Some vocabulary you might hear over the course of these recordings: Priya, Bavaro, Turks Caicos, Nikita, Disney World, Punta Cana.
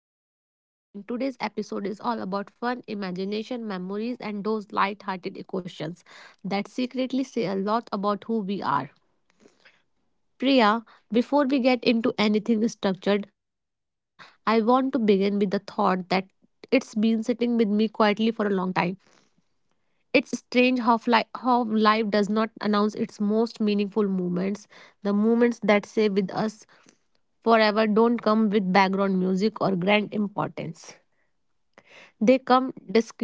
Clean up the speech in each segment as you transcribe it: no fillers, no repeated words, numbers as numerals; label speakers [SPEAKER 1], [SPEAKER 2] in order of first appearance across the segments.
[SPEAKER 1] host, Nikita, and today's episode is all about fun, imagination, memories, and those light-hearted questions that secretly say a lot about who we are. Priya, before we get into anything structured, I want to begin with the thought that it's been sitting with me quietly for a long time. It's strange how, how life does not announce its most meaningful moments. The moments that stay with us forever don't come with background music or grand importance. They come disc-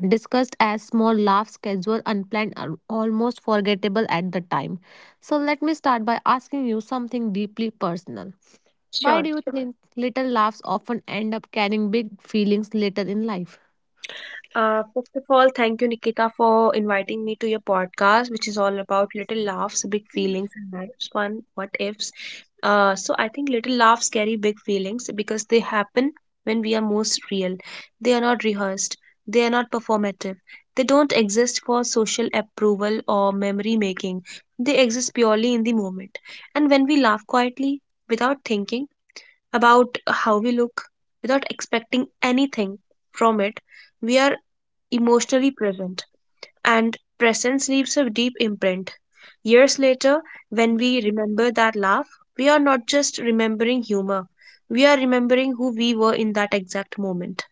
[SPEAKER 1] discussed as small laughs, casual, unplanned, and almost forgettable at the time. So let me start by asking you something deeply personal. Why do
[SPEAKER 2] Sure.
[SPEAKER 1] you Sure. think little laughs often end up carrying big feelings later in life?
[SPEAKER 2] First of all, thank you, Nikita, for inviting me to your podcast, which is all about little laughs, big feelings, and life's fun what ifs. So I think little laughs carry big feelings because they happen when we are most real. They are not rehearsed. They are not performative. They don't exist for social approval or memory making. They exist purely in the moment. And when we laugh quietly, without thinking, about how we look without expecting anything from it. We are emotionally present, and presence leaves a deep imprint. Years later, when we remember that laugh, we are not just remembering humor, we are remembering who we were in that exact moment.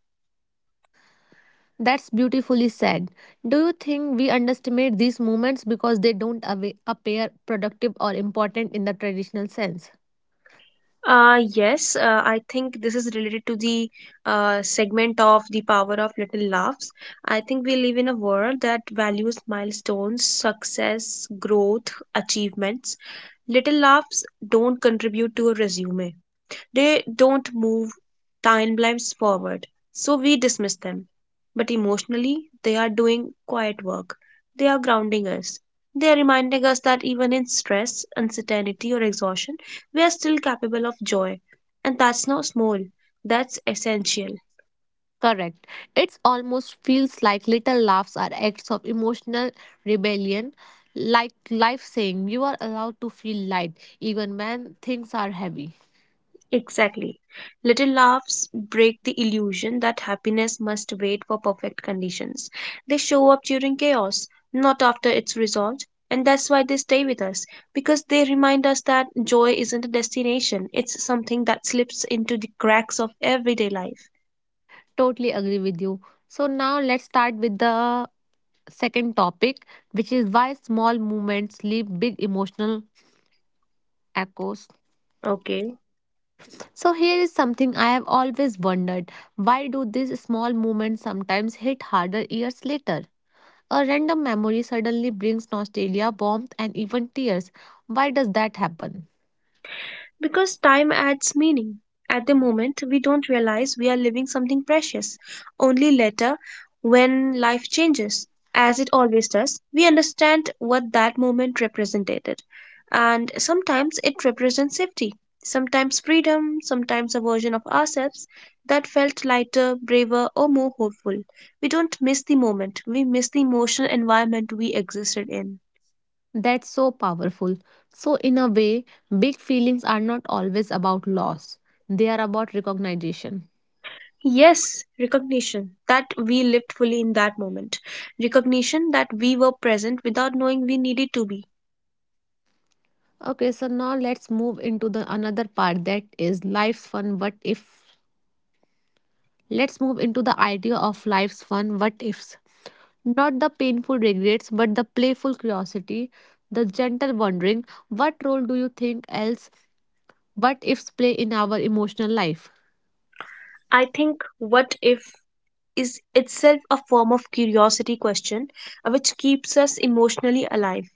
[SPEAKER 1] That's beautifully said. Do you think we underestimate these moments because they don't appear productive or important in the traditional sense?
[SPEAKER 2] Yes, I think this is related to the segment of the power of little laughs. I think we live in a world that values milestones, success, growth, achievements. Little laughs don't contribute to a resume. They don't move timelines forward, so we dismiss them. But emotionally, they are doing quiet work. They are grounding us. They are reminding us that even in stress, uncertainty, or exhaustion, we are still capable of joy. And that's not small, that's essential.
[SPEAKER 1] Correct. It almost feels like little laughs are acts of emotional rebellion, like life saying you are allowed to feel light even when things are heavy.
[SPEAKER 2] Exactly. Little laughs break the illusion that happiness must wait for perfect conditions. They show up during chaos, not after it's resolved. And that's why they stay with us, because they remind us that joy isn't a destination, it's something that slips into the cracks of everyday life.
[SPEAKER 1] Totally agree with you. So now let's start with the second topic, which is why small movements leave big emotional echoes.
[SPEAKER 2] Okay.
[SPEAKER 1] So here is something I have always wondered. Why do these small moments sometimes hit harder years later? A random memory suddenly brings nostalgia, warmth, and even tears. Why does that happen?
[SPEAKER 2] Because time adds meaning. At the moment, we don't realize we are living something precious. Only later, when life changes, as it always does, we understand what that moment represented. And sometimes it represents safety, sometimes freedom, sometimes a version of ourselves that felt lighter, braver, or more hopeful. We don't miss the moment, we miss the emotional environment we existed in.
[SPEAKER 1] That's so powerful. So, in a way, big feelings are not always about loss, they are about recognition.
[SPEAKER 2] Yes, recognition that we lived fully in that moment. Recognition that we were present without knowing we needed to be.
[SPEAKER 1] Okay, so now let's move into the another part that is life's fun what if. Let's move into the idea of life's fun what ifs. Not the painful regrets, but the playful curiosity, the gentle wondering what role do you think else but ifs play in our emotional life?
[SPEAKER 2] I think, what if is itself a form of curiosity question which keeps us emotionally alive.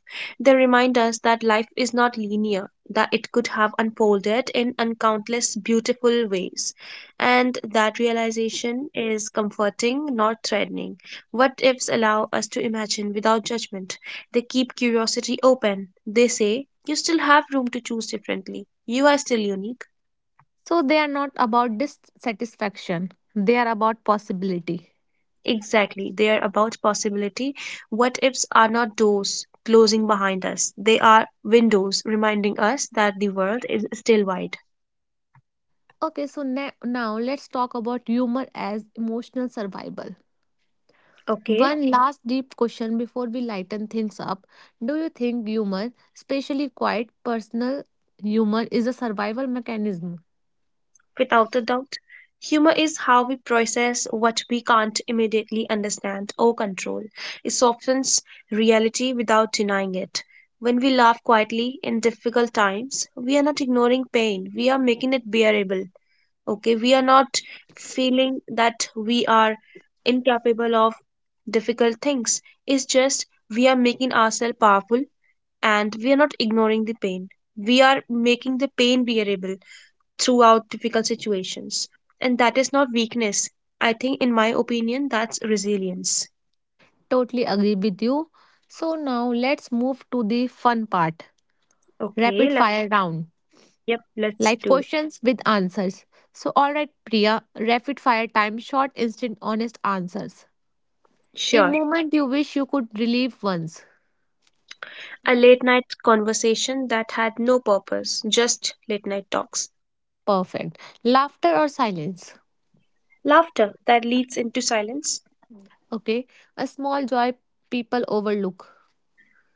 [SPEAKER 2] They remind us that life is not linear, that it could have unfolded in uncountless beautiful ways. And that realization is comforting, not threatening. What ifs allow us to imagine without judgment. They keep curiosity open. They say, you still have room to choose differently. You are still unique.
[SPEAKER 1] So they are not about dissatisfaction, they are about possibility.
[SPEAKER 2] Exactly. They are about possibility. What ifs are not doors closing behind us, they are windows reminding us that the world is still wide.
[SPEAKER 1] Okay, so now let's talk about humor as emotional survival.
[SPEAKER 2] Okay,
[SPEAKER 1] One last deep question before we lighten things up. Do you think humor, especially quiet personal humor, is a survival mechanism?
[SPEAKER 2] without a doubt. Humor is how we process what we can't immediately understand or control. It softens reality without denying it. When we laugh quietly in difficult times, we are not ignoring pain, we are making it bearable. Okay, we are not feeling that we are incapable of difficult things, it's just we are making ourselves powerful, and we are not ignoring the pain, we are making the pain bearable throughout difficult situations, and that is not weakness. I think, in my opinion, that's resilience.
[SPEAKER 1] Totally agree with you. So now let's move to the fun part,
[SPEAKER 2] Okay,
[SPEAKER 1] rapid fire round,
[SPEAKER 2] yep, let's
[SPEAKER 1] like
[SPEAKER 2] do it.
[SPEAKER 1] questions with answers. So, all right, Priya, rapid fire time, short, instant, honest answers. A
[SPEAKER 2] Sure.
[SPEAKER 1] moment you wish you could relieve once.
[SPEAKER 2] A late night conversation that had no purpose, just late night talks.
[SPEAKER 1] Perfect. Laughter or silence?
[SPEAKER 2] Laughter that leads into silence.
[SPEAKER 1] Okay. A small joy people overlook.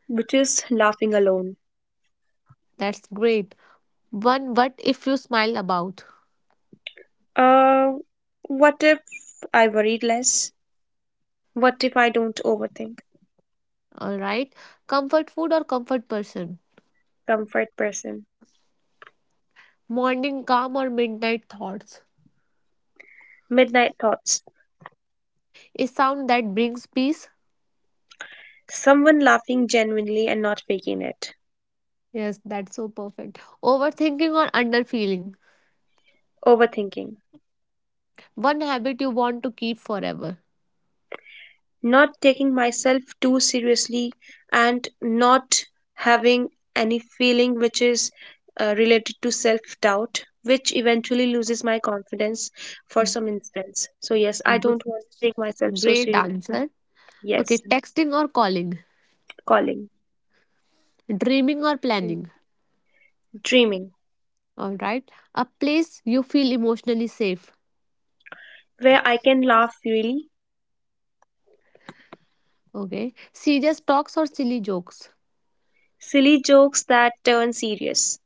[SPEAKER 2] Which is laughing alone.
[SPEAKER 1] That's great. One what if you smile about?
[SPEAKER 2] Uh, what if I worried less? What if I don't overthink?
[SPEAKER 1] All right. Comfort food or comfort person?
[SPEAKER 2] Comfort person.
[SPEAKER 1] Morning calm or midnight thoughts?
[SPEAKER 2] Midnight thoughts.
[SPEAKER 1] A sound that brings peace.
[SPEAKER 2] Someone laughing genuinely and not faking it.
[SPEAKER 1] Yes, that's so perfect. Overthinking or underfeeling.
[SPEAKER 2] Overthinking.
[SPEAKER 1] One habit you want to keep forever.
[SPEAKER 2] Not taking myself too seriously and not having any feeling which is related to self doubt, which eventually loses my confidence for some instance. So, yes, I
[SPEAKER 1] Gr-
[SPEAKER 2] don't want to take myself so
[SPEAKER 1] Great
[SPEAKER 2] seriously.
[SPEAKER 1] answer. Okay,
[SPEAKER 2] Yes,
[SPEAKER 1] texting or calling.
[SPEAKER 2] calling,
[SPEAKER 1] Dreaming or planning.
[SPEAKER 2] dreaming,
[SPEAKER 1] All right. A place you feel emotionally safe.
[SPEAKER 2] where I can laugh freely.
[SPEAKER 1] Okay. Serious talks or silly jokes.
[SPEAKER 2] Silly jokes that turn serious.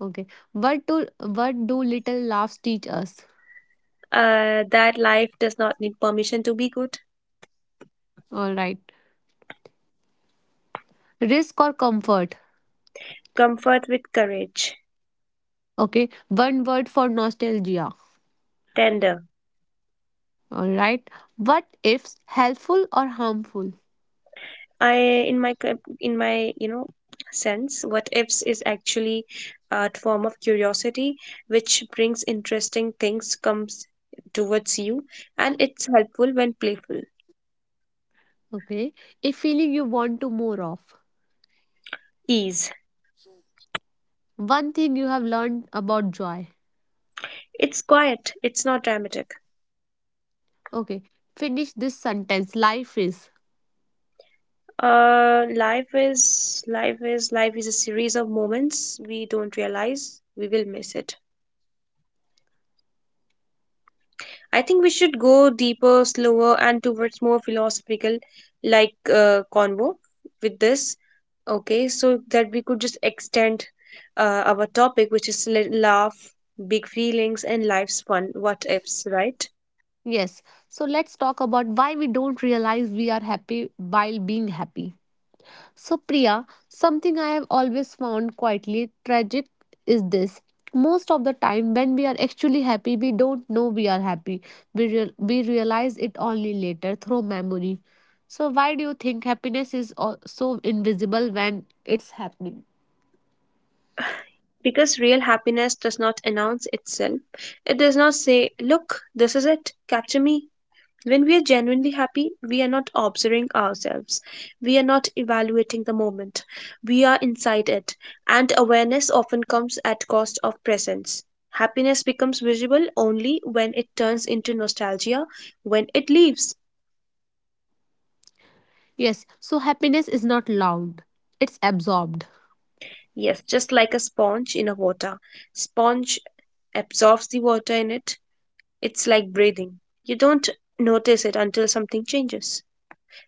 [SPEAKER 1] Okay. What do little laughs teach us?
[SPEAKER 2] That life does not need permission to be good.
[SPEAKER 1] All right. Risk or comfort.
[SPEAKER 2] Comfort with courage.
[SPEAKER 1] Okay. One word for nostalgia.
[SPEAKER 2] Tender.
[SPEAKER 1] All right. What ifs helpful or harmful?
[SPEAKER 2] I in my co- in my sense, what ifs is actually a form of curiosity which brings interesting things comes towards you, and it's helpful when playful.
[SPEAKER 1] Okay. A feeling you want to more of.
[SPEAKER 2] Ease.
[SPEAKER 1] One thing you have learned about joy.
[SPEAKER 2] It's quiet. It's not dramatic.
[SPEAKER 1] Okay. Finish this sentence. Life is.
[SPEAKER 2] Life is a series of moments we don't realize we will miss it. I think we should go deeper, slower, and towards more philosophical like convo with this. Okay, so that we could just extend our topic, which is love, big feelings, and life's fun. What ifs, right?
[SPEAKER 1] Yes. So let's talk about why we don't realize we are happy while being happy. So, Priya, something I have always found quietly tragic is this. Most of the time, when we are actually happy, we don't know we are happy. We realize it only later through memory. So, why do you think happiness is so invisible when it's happening?
[SPEAKER 2] Because real happiness does not announce itself. It does not say, "Look, this is it. Capture me." When we are genuinely happy, we are not observing ourselves. We are not evaluating the moment. We are inside it, and awareness often comes at cost of presence. Happiness becomes visible only when it turns into nostalgia, when it leaves.
[SPEAKER 1] Yes, so happiness is not loud, it's absorbed.
[SPEAKER 2] Yes, just like a sponge in a water. Sponge absorbs the water in it. It's like breathing. You don't notice it until something changes.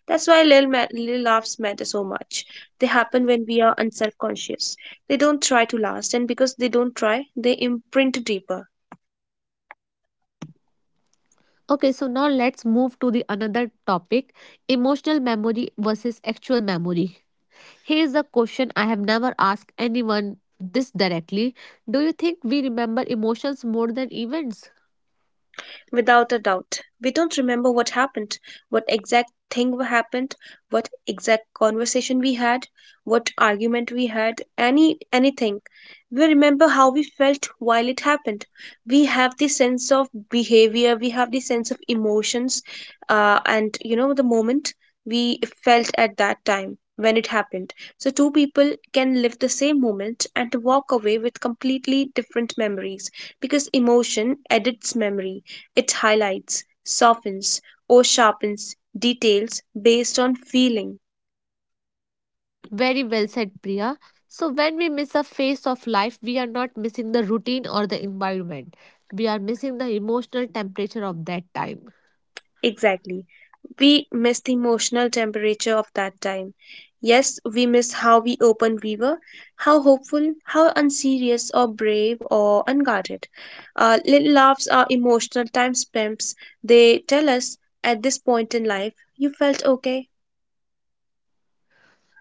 [SPEAKER 2] That's why little laughs matter so much. They happen when we are unself conscious. They don't try to last, and because they don't try, they imprint deeper.
[SPEAKER 1] Okay, so now let's move to the another topic, emotional memory versus actual memory. Here's a question I have never asked anyone this directly. Do you think we remember emotions more than events?
[SPEAKER 2] Without a doubt. We don't remember what happened, what exact thing happened, what exact conversation we had, what argument we had, anything. We remember how we felt while it happened. We have the sense of behavior, we have the sense of emotions, and you know the moment we felt at that time when it happened. So two people can live the same moment and walk away with completely different memories because emotion edits memory. It highlights, softens, or sharpens details based on feeling.
[SPEAKER 1] Very well said, Priya. So, when we miss a phase of life, we are not missing the routine or the environment. We are missing the emotional temperature of that time.
[SPEAKER 2] Exactly. We miss the emotional temperature of that time. Yes, we miss how we open we were, how hopeful, how unserious or brave or unguarded. Little laughs are emotional time stamps. They tell us at this point in life, you felt okay.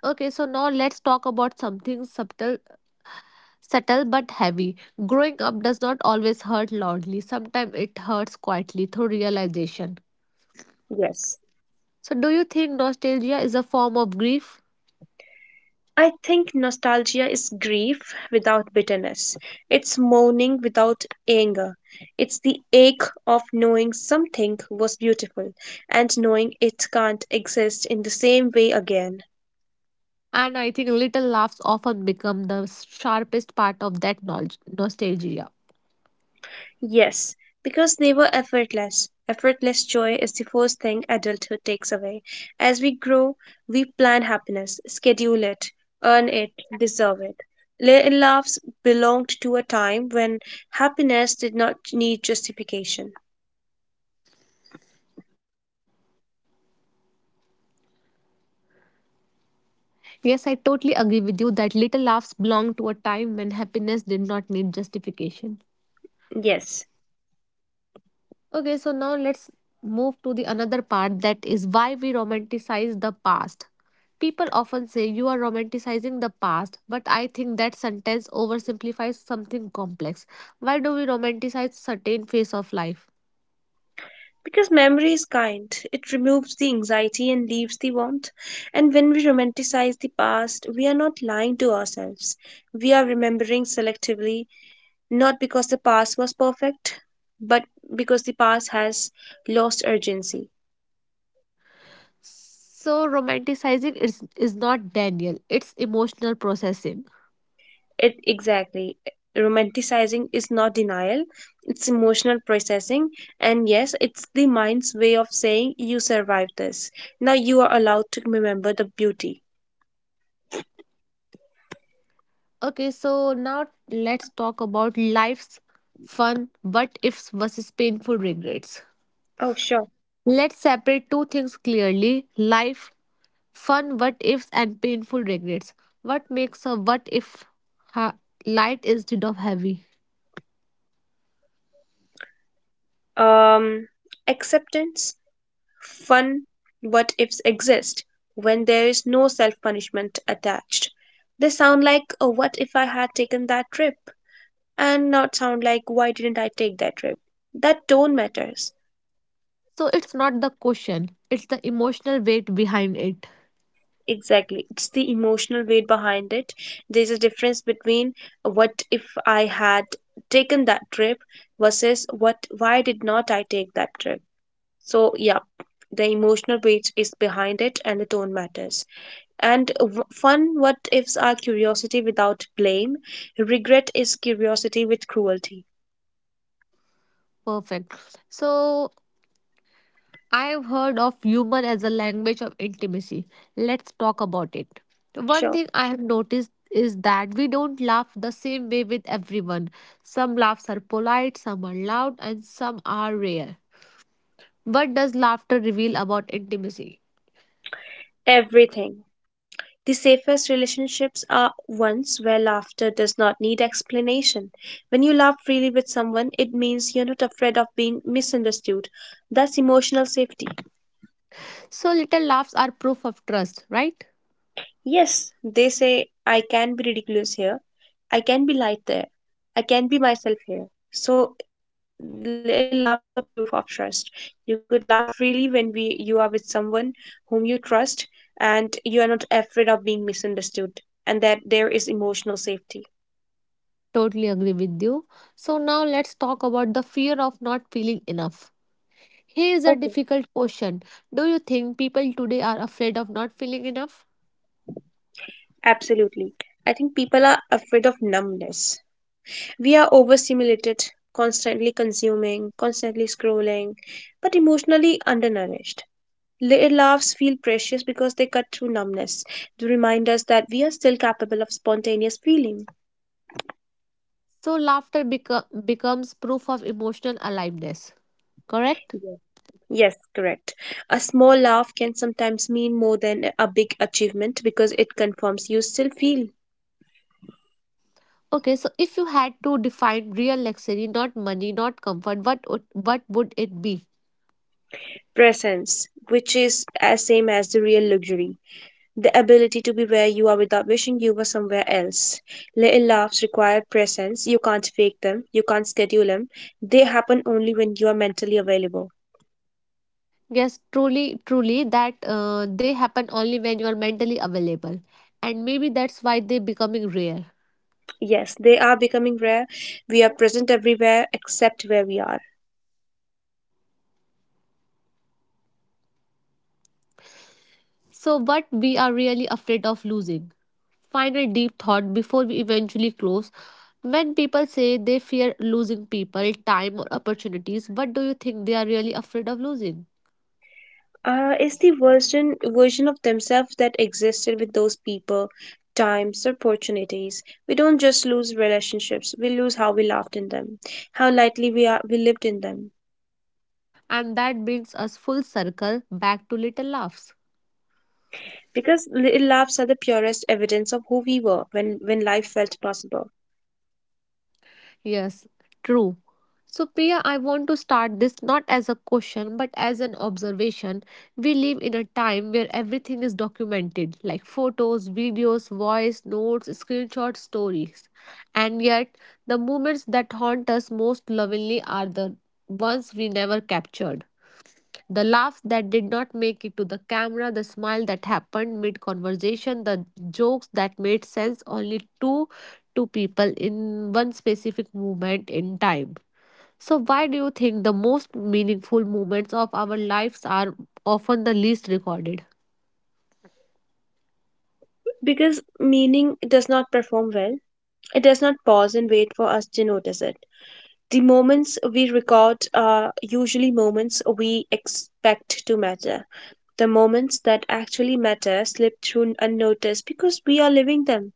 [SPEAKER 1] Okay, so now let's talk about something subtle but heavy. Growing up does not always hurt loudly, sometimes it hurts quietly through realization.
[SPEAKER 2] Yes.
[SPEAKER 1] So, do you think nostalgia is a form of grief?
[SPEAKER 2] I think nostalgia is grief without bitterness. It's mourning without anger. It's the ache of knowing something was beautiful and knowing it can't exist in the same way again.
[SPEAKER 1] And I think little laughs often become the sharpest part of that knowledge, nostalgia.
[SPEAKER 2] Yes, because they were effortless. Effortless joy is the first thing adulthood takes away. As we grow, we plan happiness, schedule it, earn it, deserve it. Little laughs belonged to a time when happiness did not need justification.
[SPEAKER 1] Yes, I totally agree with you that little laughs belong to a time when happiness did not need justification.
[SPEAKER 2] Yes,
[SPEAKER 1] Okay, so now let's move to the another part that is why we romanticize the past. People often say you are romanticizing the past, but I think that sentence oversimplifies something complex. Why do we romanticize certain phase of life?
[SPEAKER 2] because memory is kind. It removes the anxiety and leaves the warmth. And when we romanticize the past, we are not lying to ourselves. We are remembering selectively, not because the past was perfect, but because the past has lost urgency.
[SPEAKER 1] So romanticizing is not Daniel, it's emotional processing.
[SPEAKER 2] It exactly. Romanticizing is not denial, it's emotional processing. And yes, it's the mind's way of saying you survived this. Now you are allowed to remember the beauty.
[SPEAKER 1] Okay, so now let's talk about life's fun but ifs versus painful regrets.
[SPEAKER 2] Oh, sure.
[SPEAKER 1] Let's separate two things clearly life, fun what ifs, and painful regrets. What makes a what if ha- light instead of heavy?
[SPEAKER 2] Um, acceptance, fun, what ifs exist when there is no self punishment attached. They sound like, oh, what if I had taken that trip? And not sound like, why didn't I take that trip? That tone matters.
[SPEAKER 1] So it's not the question, it's the emotional weight behind it.
[SPEAKER 2] Exactly. It's the emotional weight behind it. There's a difference between what if I had taken that trip versus what, why did not I take that trip? So, yeah, the emotional weight is behind it and the tone matters. And fun what ifs are curiosity without blame. Regret is curiosity with cruelty.
[SPEAKER 1] Perfect. So I've heard of humor as a language of intimacy. Let's talk about it. One
[SPEAKER 2] Sure.
[SPEAKER 1] thing I have noticed is that we don't laugh the same way with everyone. Some laughs are polite, some are loud, and some are rare. What does laughter reveal about intimacy?
[SPEAKER 2] Everything. The safest relationships are ones where laughter does not need explanation. When you laugh freely with someone, it means you're not afraid of being misunderstood. That's emotional safety.
[SPEAKER 1] So, little laughs are proof of trust, right?
[SPEAKER 2] Yes, they say I can be ridiculous here, I can be light there, I can be myself here. So laughs are proof of trust. You could laugh freely when we you are with someone whom you trust and you are not afraid of being misunderstood and that there is emotional safety.
[SPEAKER 1] Totally agree with you. So, now let's talk about the fear of not feeling enough. Here is a
[SPEAKER 2] Okay.
[SPEAKER 1] difficult question. Do you think people today are afraid of not feeling enough?
[SPEAKER 2] Absolutely. I think people are afraid of numbness. We are overstimulated, constantly consuming, constantly scrolling, but emotionally undernourished. Little laughs feel precious because they cut through numbness. They remind us that we are still capable of spontaneous feeling.
[SPEAKER 1] So, laughter becomes proof of emotional aliveness, correct?
[SPEAKER 2] Yes, yes, correct. A small laugh can sometimes mean more than a big achievement because it confirms you still feel
[SPEAKER 1] Okay, so if you had to define real luxury, not money, not comfort, what would it be?
[SPEAKER 2] presence, which is as same as the real luxury. The ability to be where you are without wishing you were somewhere else. Little laughs require presence. You can't fake them. You can't schedule them. They happen only when you are mentally available.
[SPEAKER 1] Yes, truly, truly, that they happen only when you are mentally available. And maybe that's why they're becoming rare.
[SPEAKER 2] Yes, they are becoming rare. We are present everywhere except where we are.
[SPEAKER 1] So, what we are really afraid of losing? Final deep thought before we eventually close. When people say they fear losing people, time, or opportunities, what do you think they are really afraid of losing?
[SPEAKER 2] Is the version of themselves that existed with those people, times, opportunities. We don't just lose relationships; we lose how we laughed in them, how lightly we lived in them.
[SPEAKER 1] And that brings us full circle back to little laughs.
[SPEAKER 2] Because little laughs are the purest evidence of who we were when life felt possible.
[SPEAKER 1] Yes, true. So, Priya, I want to start this not as a question but as an observation. We live in a time where everything is documented like photos, videos, voice, notes, screenshots, stories. And yet, the moments that haunt us most lovingly are the ones we never captured. The laugh that did not make it to the camera, the smile that happened mid conversation, the jokes that made sense only to two people in one specific moment in time. So, why do you think the most meaningful moments of our lives are often the least recorded?
[SPEAKER 2] Because meaning does not perform well; it does not pause and wait for us to notice it. The moments we record are usually moments we expect to matter. The moments that actually matter slip through unnoticed because we are living them,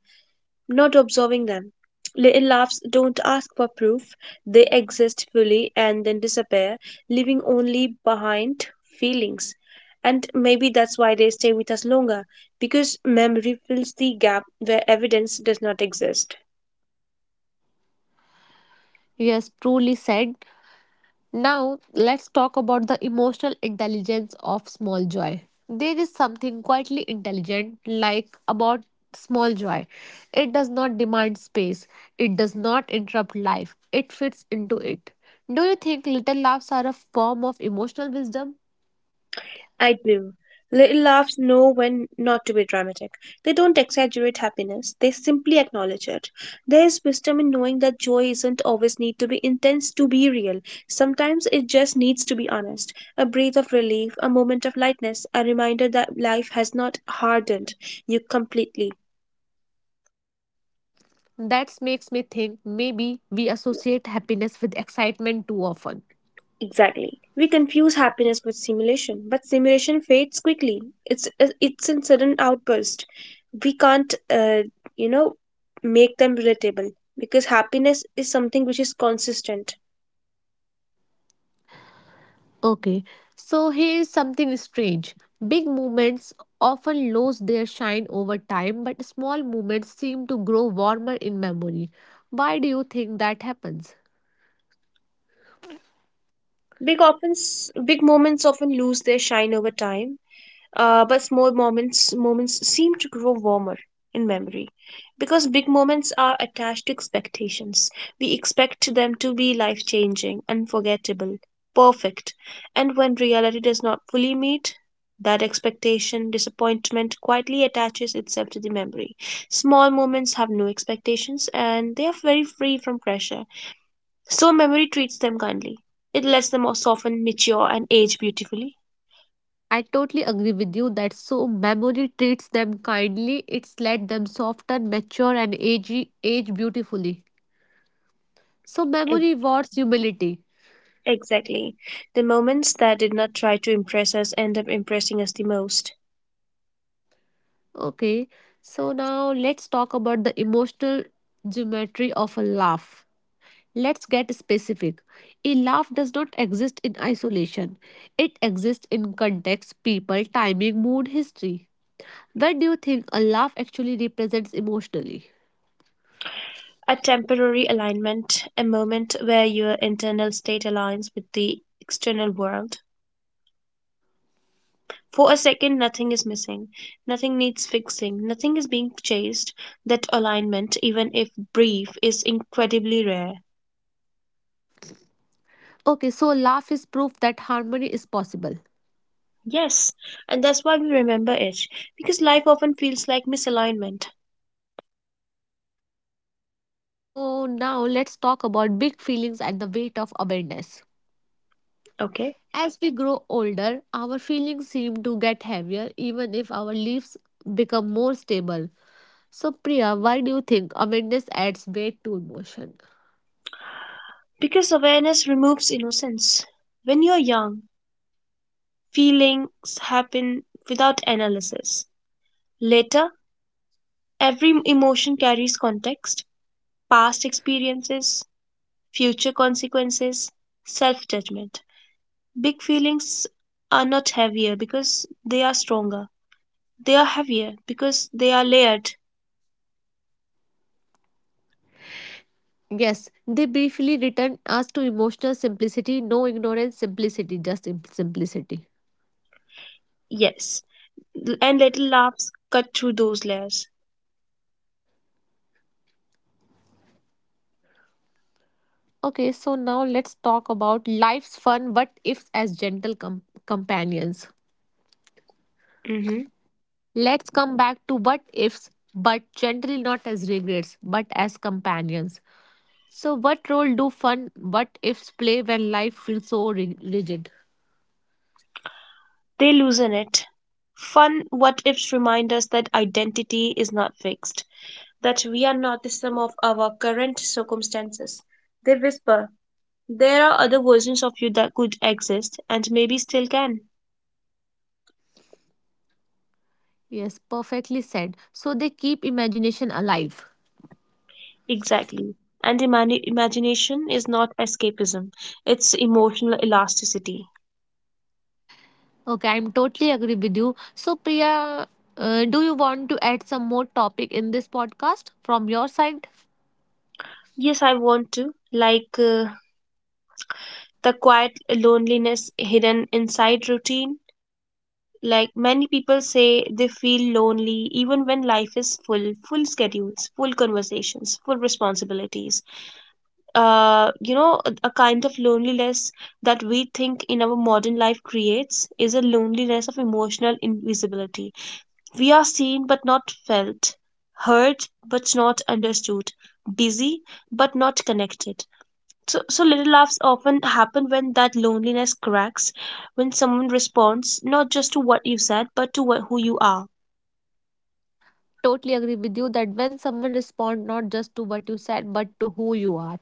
[SPEAKER 2] not observing them. Little laughs don't ask for proof, they exist fully and then disappear, leaving only behind feelings. And maybe that's why they stay with us longer, because memory fills the gap where evidence does not exist.
[SPEAKER 1] Yes, truly said. Now, let's talk about the emotional intelligence of small joy. There is something quietly intelligent like about small joy. It does not demand space. It does not interrupt life. It fits into it. Do you think little laughs are a form of emotional wisdom?
[SPEAKER 2] I do. Little laughs know when not to be dramatic. They don't exaggerate happiness, they simply acknowledge it. There is wisdom in knowing that joy isn't always need to be intense to be real. Sometimes it just needs to be honest. A breath of relief, a moment of lightness, a reminder that life has not hardened you completely.
[SPEAKER 1] That makes me think maybe we associate happiness with excitement too often.
[SPEAKER 2] Exactly. We confuse happiness with simulation, but simulation fades quickly. It's in sudden outburst. We can't, uh, you know, make them relatable because happiness is something which is consistent.
[SPEAKER 1] Okay, so here's something strange. Big movements often lose their shine over time, but small movements seem to grow warmer in memory. Why do you think that happens?
[SPEAKER 2] Big moments often lose their shine over time, but small moments seem to grow warmer in memory, because big moments are attached to expectations. We expect them to be life changing, unforgettable, perfect, and when reality does not fully meet that expectation, disappointment quietly attaches itself to the memory. Small moments have no expectations and they are very free from pressure, so memory treats them kindly. It lets them soften, mature, and age beautifully.
[SPEAKER 1] I totally agree with you that so memory treats them kindly, it's let them soften, mature, and age beautifully. So, memory rewards humility.
[SPEAKER 2] Exactly. The moments that did not try to impress us end up impressing us the most.
[SPEAKER 1] Okay, so now let's talk about the emotional geometry of a laugh. Let's get specific. A laugh does not exist in isolation. It exists in context, people, timing, mood, history. Where do you think a laugh actually represents emotionally?
[SPEAKER 2] A temporary alignment, a moment where your internal state aligns with the external world. For a second, nothing is missing, nothing needs fixing, nothing is being chased. That alignment, even if brief, is incredibly rare.
[SPEAKER 1] Okay, so laugh is proof that harmony is possible.
[SPEAKER 2] Yes, and that's why we remember it, because life often feels like misalignment.
[SPEAKER 1] So now let's talk about big feelings and the weight of awareness.
[SPEAKER 2] Okay?
[SPEAKER 1] As we grow older, our feelings seem to get heavier even if our lives become more stable. So Priya, why do you think awareness adds weight to emotion?
[SPEAKER 2] Because awareness removes innocence. When you're young, feelings happen without analysis. Later, every emotion carries context, past experiences, future consequences, self judgment. Big feelings are not heavier because they are stronger. They are heavier because they are layered.
[SPEAKER 1] Yes, they briefly return us to emotional simplicity, no ignorance, simplicity, just simplicity.
[SPEAKER 2] Yes. And little laughs cut through those layers.
[SPEAKER 1] Okay, so now let's talk about life's fun what ifs as gentle companions.
[SPEAKER 2] Hmm.
[SPEAKER 1] Let's come back to what ifs, but generally not as regrets, but as companions. So, what role do fun what ifs play when life feels so rigid?
[SPEAKER 2] They loosen it. Fun what ifs remind us that identity is not fixed, that we are not the sum of our current circumstances. They whisper, there are other versions of you that could exist and maybe still can.
[SPEAKER 1] Yes, perfectly said. So, they keep imagination alive.
[SPEAKER 2] Exactly. And imagination is not escapism, it's emotional elasticity.
[SPEAKER 1] Okay, I'm totally agree with you. So, Priya, do you want to add some more topic in this podcast from your side?
[SPEAKER 2] Yes, I want to. Like the quiet loneliness hidden inside routine. Like many people say, they feel lonely even when life is full, full schedules, full conversations, full responsibilities, a kind of loneliness that we think in our modern life creates is a loneliness of emotional invisibility. We are seen but not felt, heard but not understood, busy but not connected. So little laughs often happen when that loneliness cracks, when someone responds not just to what you said but to what, who you are.
[SPEAKER 1] Totally agree with you that when someone respond not just to what you said but to who you are,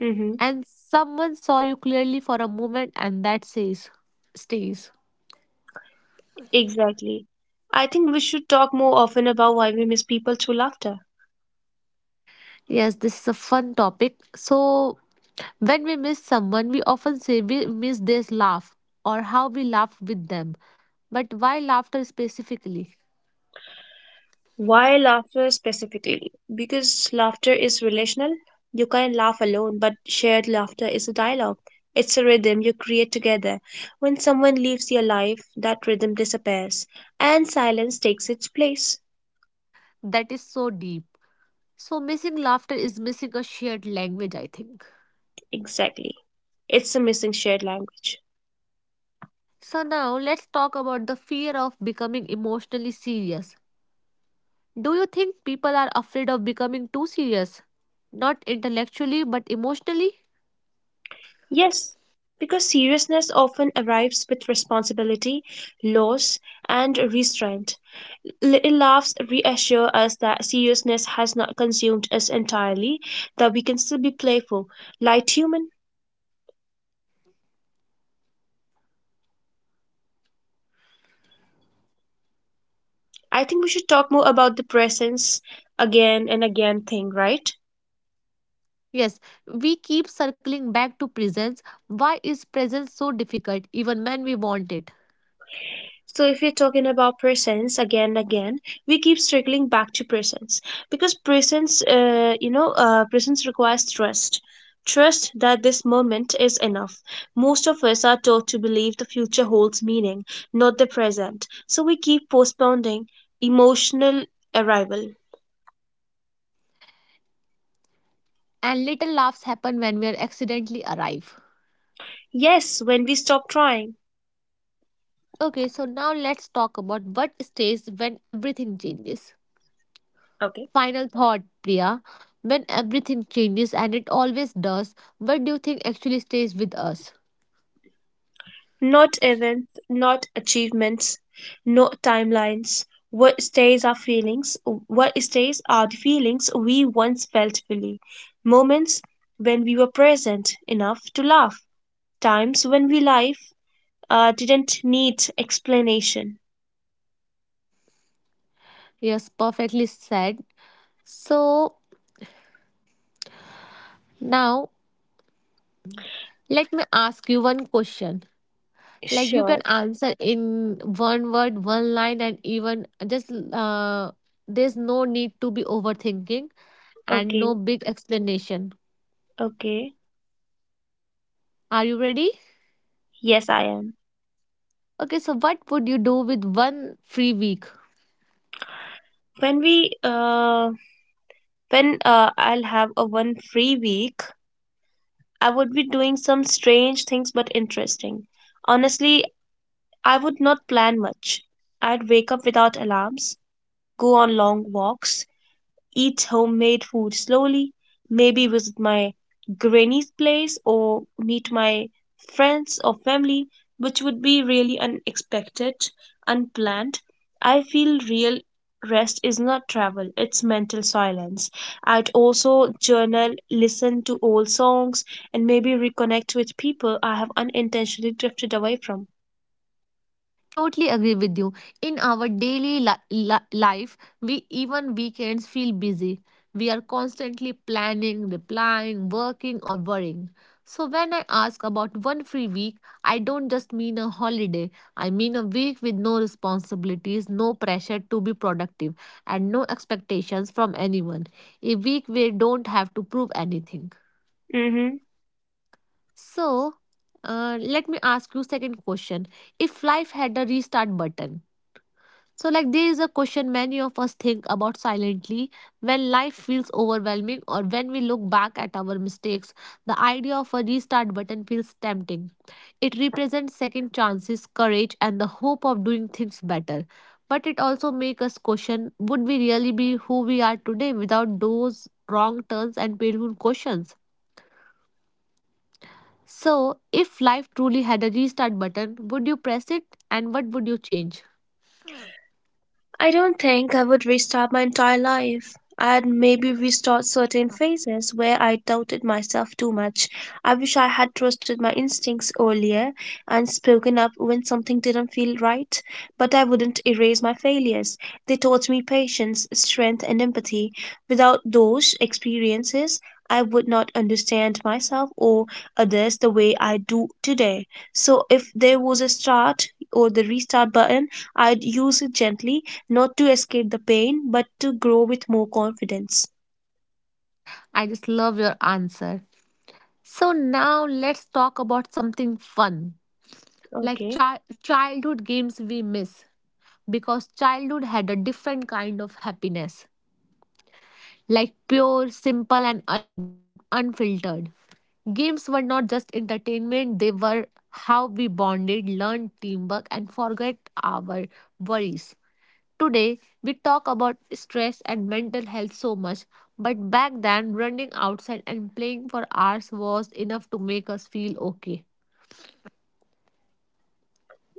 [SPEAKER 2] Hmm.
[SPEAKER 1] and someone saw you clearly for a moment, and that says stays.
[SPEAKER 2] Exactly. I think we should talk more often about why we miss people through laughter.
[SPEAKER 1] Yes, this is a fun topic. So, when we miss someone, we often say we miss this laugh or how we laugh with them. But why laughter specifically?
[SPEAKER 2] Why laughter specifically? Because laughter is relational. You can laugh alone, but shared laughter is a dialogue. It's a rhythm you create together. When someone leaves your life, that rhythm disappears and silence takes its place.
[SPEAKER 1] That is so deep. So, missing laughter is missing a shared language, I think.
[SPEAKER 2] Exactly. It's a missing shared language.
[SPEAKER 1] So, now let's talk about the fear of becoming emotionally serious. Do you think people are afraid of becoming too serious? Not intellectually, but emotionally?
[SPEAKER 2] Yes, because seriousness often arrives with responsibility, loss, and restraint. Little laughs reassure us that seriousness has not consumed us entirely, that we can still be playful, light human. I think we should talk more about the presence again and again thing, right?
[SPEAKER 1] Yes, we keep circling back to presence. Why is presence so difficult even when we want it?
[SPEAKER 2] So if we're talking about presence again and again, we keep circling back to presence because presence, presence requires trust. Trust that this moment is enough. Most of us are taught to believe the future holds meaning, not the present. So we keep postponing emotional arrival.
[SPEAKER 1] And little laughs happen when we are accidentally arrive.
[SPEAKER 2] Yes, when we stop trying.
[SPEAKER 1] Okay, so now let's talk about what stays when everything changes.
[SPEAKER 2] Okay.
[SPEAKER 1] Final thought, Priya. When everything changes, and it always does, what do you think actually stays with us?
[SPEAKER 2] Not events, not achievements, no timelines. What stays are feelings. What stays are the feelings we once felt fully. Moments when we were present enough to laugh. Times when we life didn't need explanation.
[SPEAKER 1] Yes, perfectly said. So now let me ask you one question. Like you can
[SPEAKER 2] Sure.
[SPEAKER 1] answer in one word, one line, and even just there's no need to be overthinking and
[SPEAKER 2] Okay.
[SPEAKER 1] no big explanation.
[SPEAKER 2] Okay.
[SPEAKER 1] Are you ready?
[SPEAKER 2] Yes, I am.
[SPEAKER 1] Okay, so what would you do with one free week?
[SPEAKER 2] When we uh when I'll have a one free week, I would be doing some strange things but interesting. Honestly, I would not plan much. I'd wake up without alarms, go on long walks, eat homemade food slowly, maybe visit my granny's place or meet my friends or family, which would be really unexpected, unplanned. I feel real rest is not travel, it's mental silence. I'd also journal, listen to old songs, and maybe reconnect with people I have unintentionally drifted away from.
[SPEAKER 1] Totally agree with you. In our daily life we even weekends feel busy. We are constantly planning, replying, working, or worrying. So when I ask about one free week, I don't just mean a holiday. I mean a week with no responsibilities, no pressure to be productive, and no expectations from anyone, a week where you don't have to prove anything.
[SPEAKER 2] Hmm.
[SPEAKER 1] So, let me ask you second question. If life had a restart button, so, like, there is a question many of us think about silently when life feels overwhelming or when we look back at our mistakes. The idea of a restart button feels tempting. It represents second chances, courage, and the hope of doing things better. But it also makes us question would we really be who we are today without those wrong turns and painful questions? So, if life truly had a restart button, would you press it and what would you change?
[SPEAKER 2] I don't think I would restart my entire life. I'd maybe restart certain phases where I doubted myself too much. I wish I had trusted my instincts earlier and spoken up when something didn't feel right, but I wouldn't erase my failures. They taught me patience, strength, and empathy. Without those experiences, I would not understand myself or others the way I do today. So, if there was a start or the restart button, I'd use it gently, not to escape the pain, but to grow with more confidence.
[SPEAKER 1] I just love your answer. So now let's talk about something fun, like
[SPEAKER 2] Okay.
[SPEAKER 1] childhood games we miss because childhood had a different kind of happiness, like pure, simple, and unfiltered. Games were not just entertainment, they were how we bonded, learned teamwork, and forget our worries. Today, we talk about stress and mental health so much, but back then, running outside and playing for hours was enough to make us feel okay.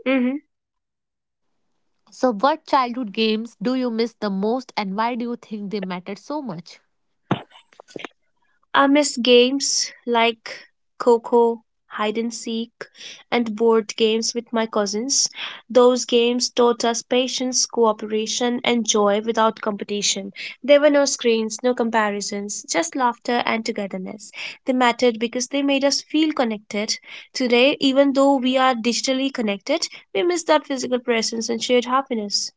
[SPEAKER 2] Mm-hmm.
[SPEAKER 1] So, what childhood games do you miss the most, and why do you think they mattered so much?
[SPEAKER 2] I miss games like Coco, hide and seek, and board games with my cousins. Those games taught us patience, cooperation, and joy without competition. There were no screens, no comparisons, just laughter and togetherness. They mattered because they made us feel connected. Today, even though we are digitally connected, we miss that physical presence and shared happiness.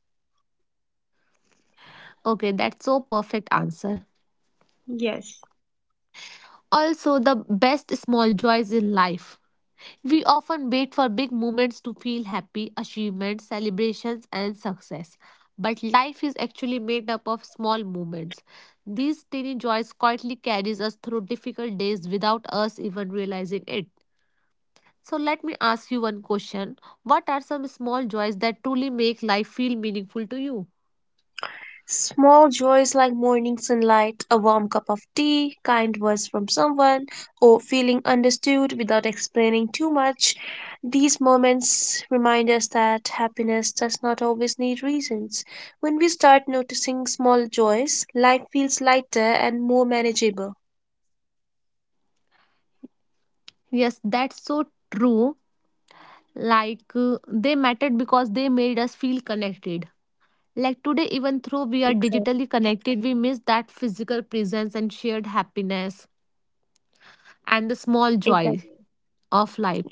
[SPEAKER 1] Okay, that's so perfect answer.
[SPEAKER 2] Yes.
[SPEAKER 1] Also, the best small joys in life. We often wait for big moments to feel happy, achievements, celebrations, and success. But life is actually made up of small moments. These tiny joys quietly carries us through difficult days without us even realizing it. So let me ask you one question. What are some small joys that truly make life feel meaningful to you?
[SPEAKER 2] Small joys like morning sunlight, a warm cup of tea, kind words from someone, or feeling understood without explaining too much. These moments remind us that happiness does not always need reasons. When we start noticing small joys, life feels lighter and more manageable.
[SPEAKER 1] Yes, that's so true. Like they mattered because they made us feel connected. Like today,
[SPEAKER 2] Exactly,
[SPEAKER 1] even though we are digitally connected, we miss that physical presence and shared happiness and the
[SPEAKER 2] exactly,
[SPEAKER 1] small joy of life.
[SPEAKER 2] exactly.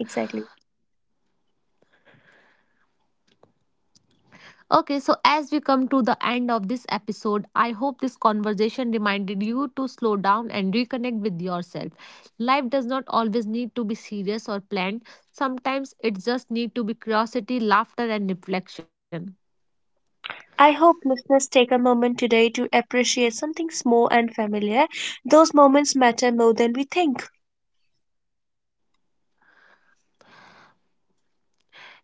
[SPEAKER 1] Okay, so as we come to the end of this episode, I hope this conversation reminded you to slow down and reconnect with yourself. Life does not always need to be serious or planned. Sometimes it just need to be curiosity, laughter and reflection.
[SPEAKER 2] I hope listeners take a moment today to appreciate something small and familiar. Those moments matter more than we think.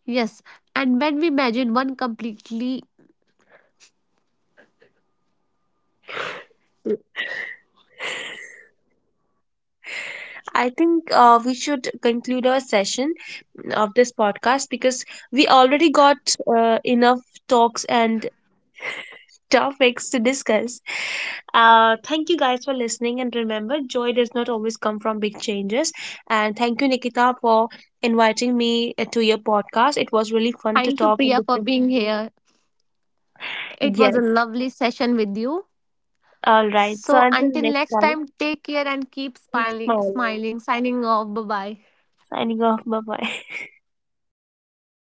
[SPEAKER 1] Yes, and when we imagine one completely
[SPEAKER 2] I think we should conclude our session of this podcast because we already got enough talks and topics to discuss. Thank you guys for listening, and remember, joy does not always come from big changes. And thank you, Nikita, for inviting me to your podcast. It was really fun to
[SPEAKER 1] thank you
[SPEAKER 2] talk and
[SPEAKER 1] Priya for
[SPEAKER 2] discuss.
[SPEAKER 1] being here. It was a
[SPEAKER 2] Yes.
[SPEAKER 1] lovely session with you.
[SPEAKER 2] All right. So
[SPEAKER 1] So
[SPEAKER 2] until
[SPEAKER 1] until
[SPEAKER 2] next
[SPEAKER 1] next
[SPEAKER 2] time,
[SPEAKER 1] time, take care and keep
[SPEAKER 2] keep
[SPEAKER 1] smiling
[SPEAKER 2] smiling.
[SPEAKER 1] smiling, signing off. Bye bye.
[SPEAKER 2] Signing off. Bye bye.